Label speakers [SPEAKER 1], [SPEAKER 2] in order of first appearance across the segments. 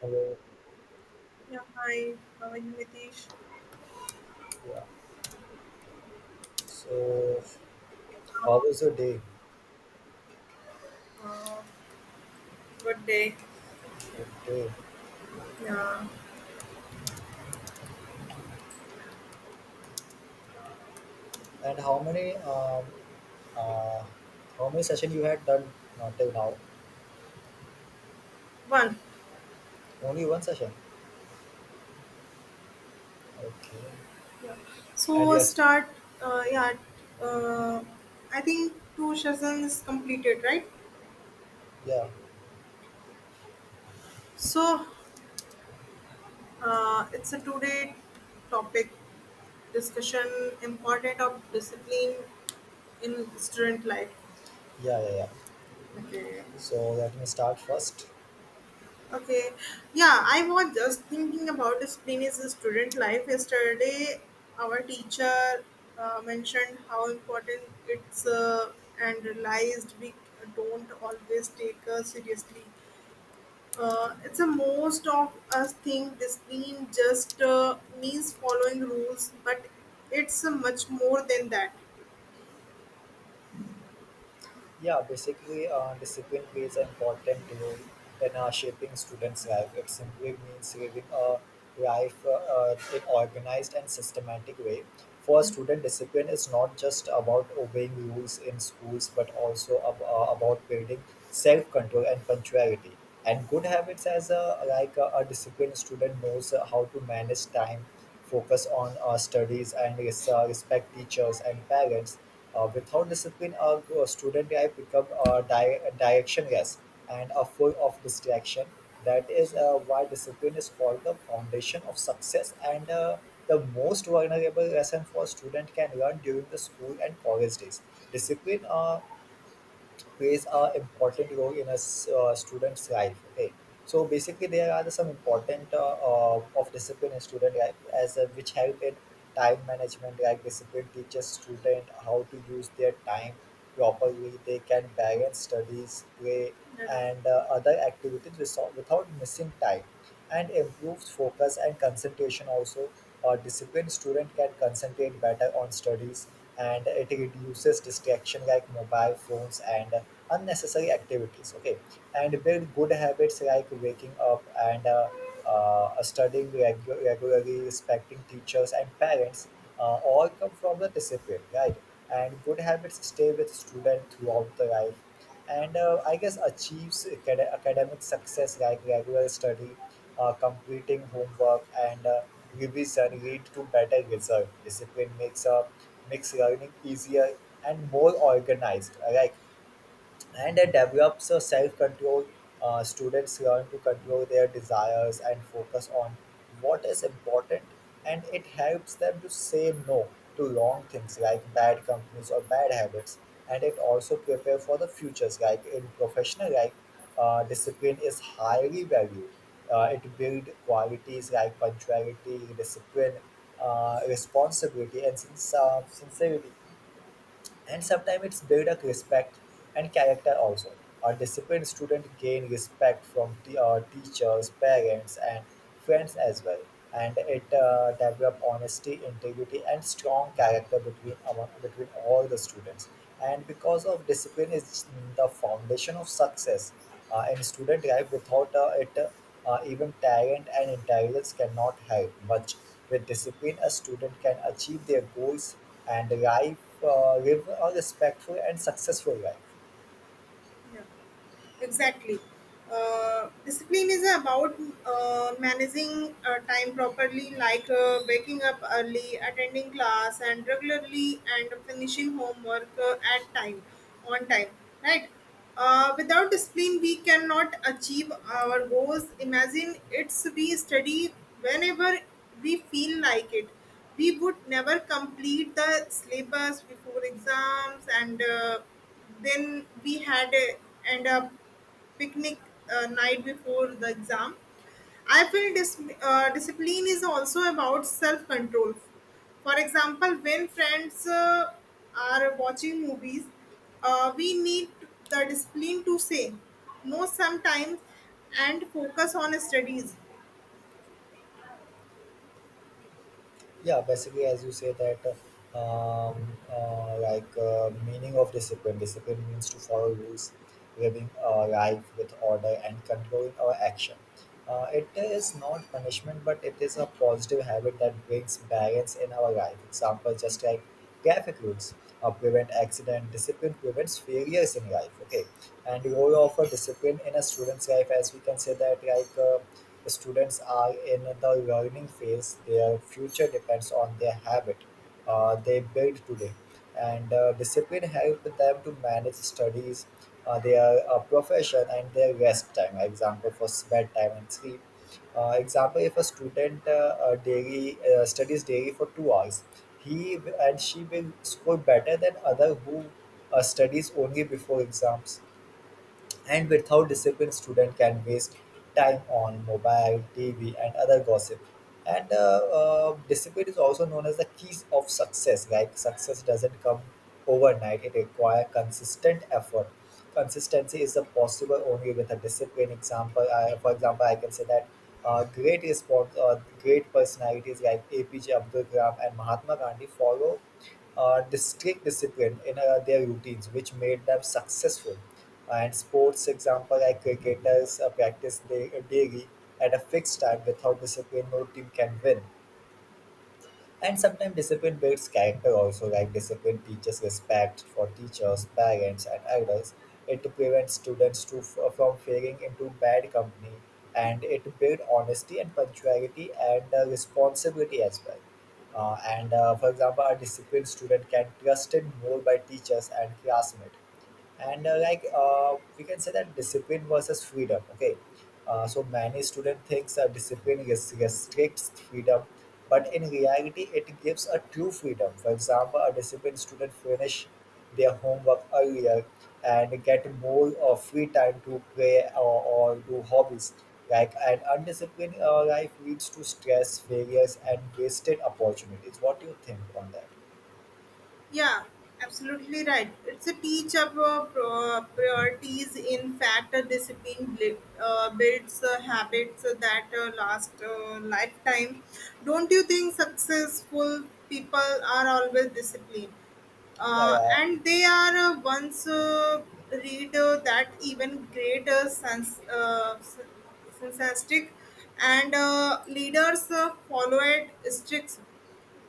[SPEAKER 1] Hello.
[SPEAKER 2] Yeah, hi. How are you, Nitish?
[SPEAKER 1] Yeah. So, how was your day?
[SPEAKER 2] Uh, Good day.
[SPEAKER 1] Good day.
[SPEAKER 2] Yeah,
[SPEAKER 1] And uh how many session you had done till now?
[SPEAKER 2] one.
[SPEAKER 1] Only one session. Okay. And
[SPEAKER 2] So
[SPEAKER 1] yes.
[SPEAKER 2] start. Uh, yeah, uh, I think two sessions is completed, right?
[SPEAKER 1] Yeah.
[SPEAKER 2] So it's a two-day topic discussion: important of discipline in student life.
[SPEAKER 1] Yeah. Yeah. Yeah.
[SPEAKER 2] Okay.
[SPEAKER 1] So let me start first.
[SPEAKER 2] Okay, yeah, I was just thinking about discipline is a student life. Yesterday, our teacher mentioned how important it's, and realized we don't always take seriously. It's a most of us think discipline just means following rules, but it's much more than that.
[SPEAKER 1] Discipline plays an important role in shaping students' life. It simply means living a life in organized and systematic way. For a
[SPEAKER 2] Yeah,
[SPEAKER 1] student, discipline is not just about obeying rules in schools, but also about building self-control and punctuality. And good habits, as a disciplined student knows how to manage time, focus on studies, and respect teachers and parents without discipline a student, I become a direction yes and a full of distraction. That is why discipline is called the foundation of success and the most vulnerable lesson for student can learn during the school and college days. Discipline plays a important role in a student's life. Okay, so basically there are some important of discipline in student life as which help in time management. Like discipline teaches student how to use their time properly. They can balance studies, play,
[SPEAKER 2] yeah, right.
[SPEAKER 1] and other activities without missing time, and improved focus and concentration also. A disciplined student can concentrate better on studies, and it reduces distraction like mobile phones and unnecessary activities. Okay, and build good habits like waking up and studying regularly, respecting teachers and parents, all come from the discipline, right. And good habits stay with student throughout the life, and I guess achieves academic success, like regular study, completing homework, and revision lead to better result. Discipline makes a makes learning easier and more organized. Like, and it develops a self-control. Students learn to control their desires and focus on what is important, and it helps them to say no to wrong things like bad companies or bad habits. And it also prepare for the futures, like in professional life discipline is highly valued. It build qualities like punctuality, discipline, responsibility, and sincerity. And sometimes it's build a respect and character also. A disciplined student gain respect from teachers, parents, and friends as well. And it develop honesty, integrity, and strong character between all the students. And because of discipline is the foundation of success in student life. Without it, even talent and intelligence cannot help much. With discipline, a student can achieve their goals and life live a respectful and successful life.
[SPEAKER 2] Yeah. Exactly. Discipline is about managing time properly, like waking up early, attending class, and regularly, and finishing homework at time, on time, right? Without discipline, we cannot achieve our goals. Imagine it's we study whenever we feel like it. We would never complete the syllabus before exams, and then we had end up picnic night before the exam. I feel discipline is also about self control. For example, when friends are watching movies, we need the discipline to say no sometimes and focus on studies.
[SPEAKER 1] As you say that, meaning of discipline. Discipline means to follow rules, living a life with order and controlling our action. It is not punishment, but it is a positive habit that brings balance in our life. Example, just like traffic rules prevent accident. Discipline prevents failures in life. Okay, and role of a discipline in a student's life, as we can say that, like. Students are in the learning phase, their future depends on their habit they build today. And discipline help them to manage studies, their profession, and their rest time. Example for s- bedtime and sleep. Example if a student daily studies daily for 2 hours, he w- and she will score better than other who studies only before exams. And without discipline, student can waste time on mobile, TV, and other gossip. And discipline is also known as the keys of success. Like success doesn't come overnight; it requires consistent effort. Consistency is a possible only with a discipline. For example, I can say that great personalities like APJ Abdul Kalam and Mahatma Gandhi follow strict discipline in their routines, which made them successful. And sports example like cricketers daily at a fixed time. Without discipline no team can win. And sometimes discipline builds character also, like discipline teaches respect for teachers, parents, and elders. It prevents students from failing into bad company, and it builds honesty and punctuality and responsibility as well. And For example, a disciplined student can trusted more by teachers and classmates. And like We can say that discipline versus freedom. Okay, so many student thinks discipline restricts freedom, but in reality it gives a true freedom. For example, a disciplined student finish their homework earlier and get more free time to play or do hobbies. Like an undisciplined life leads to stress, failures, and wasted opportunities. What do you think on that?
[SPEAKER 2] Yeah, absolutely right. It's a teach of priorities. In fact, a discipline builds habits that last lifetime. Don't you think successful people are always disciplined?
[SPEAKER 1] yeah yeah
[SPEAKER 2] And they are once read that even greater sense, synthetic and leaders follow it strict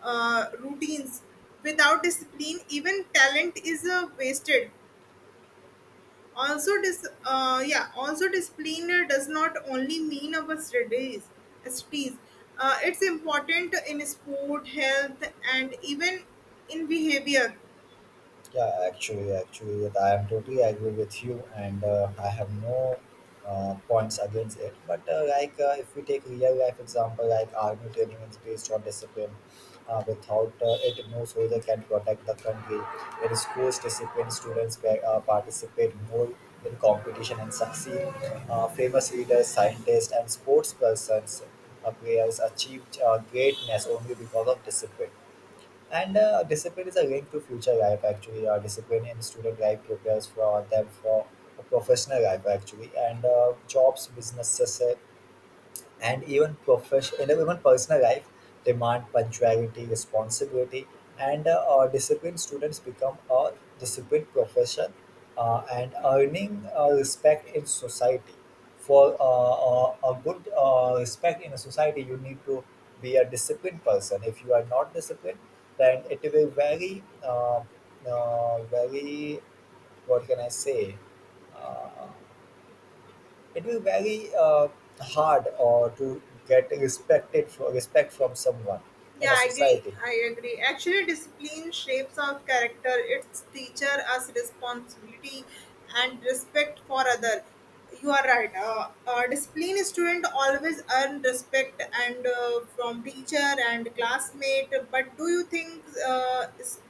[SPEAKER 2] routines. Without discipline, even talent is wasted. Also, yeah, also discipline does not only mean our studies. Studies. It's important in sport, health, and even in behavior.
[SPEAKER 1] Actually, yeah, I am totally agree with you, and I have no points against it. But if we take real life example, like army training is based on discipline. Without it, no soldier can protect the country. In schools, discipline students participate more in competition and succeed. Famous leaders, scientists, and sports persons, players achieved greatness only because of discipline. And discipline is a link to future life, actually. Discipline in student life prepares for them for a professional life, actually. And jobs, businesses, and even profession and even personal life demand punctuality, responsibility, and disciplined students become a disciplined profession, and earning respect in society. For a good respect in a society you need to be a disciplined person. If you are not disciplined, then it will very very what can I say, uh, it will very hard to get respect from someone
[SPEAKER 2] Yeah,
[SPEAKER 1] in a
[SPEAKER 2] I agree.
[SPEAKER 1] society.
[SPEAKER 2] I agree. Actually, discipline shapes our character. It's teacher us responsibility and respect for other. You are right. Discipline student always earn respect and from teacher and classmate. But do you think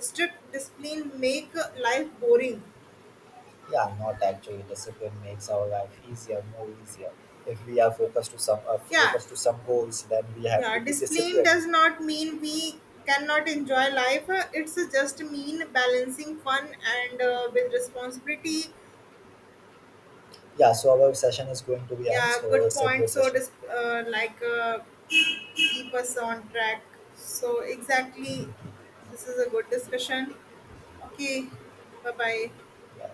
[SPEAKER 2] strict discipline make life boring?
[SPEAKER 1] Yeah, not actually. Discipline makes our life easier, more easier. If we are
[SPEAKER 2] Yeah,
[SPEAKER 1] focused to some goals, then we have
[SPEAKER 2] Yeah,
[SPEAKER 1] to be
[SPEAKER 2] discipline
[SPEAKER 1] disciplined.
[SPEAKER 2] does not mean we cannot enjoy life. It's just mean balancing fun and with responsibility.
[SPEAKER 1] Yeah, so our session is going to be end.
[SPEAKER 2] Yeah,
[SPEAKER 1] So
[SPEAKER 2] good
[SPEAKER 1] it's a
[SPEAKER 2] point.
[SPEAKER 1] great
[SPEAKER 2] So,
[SPEAKER 1] session.
[SPEAKER 2] keep us on track. So, exactly, this is a good discussion. Okay, bye bye.
[SPEAKER 1] Yeah.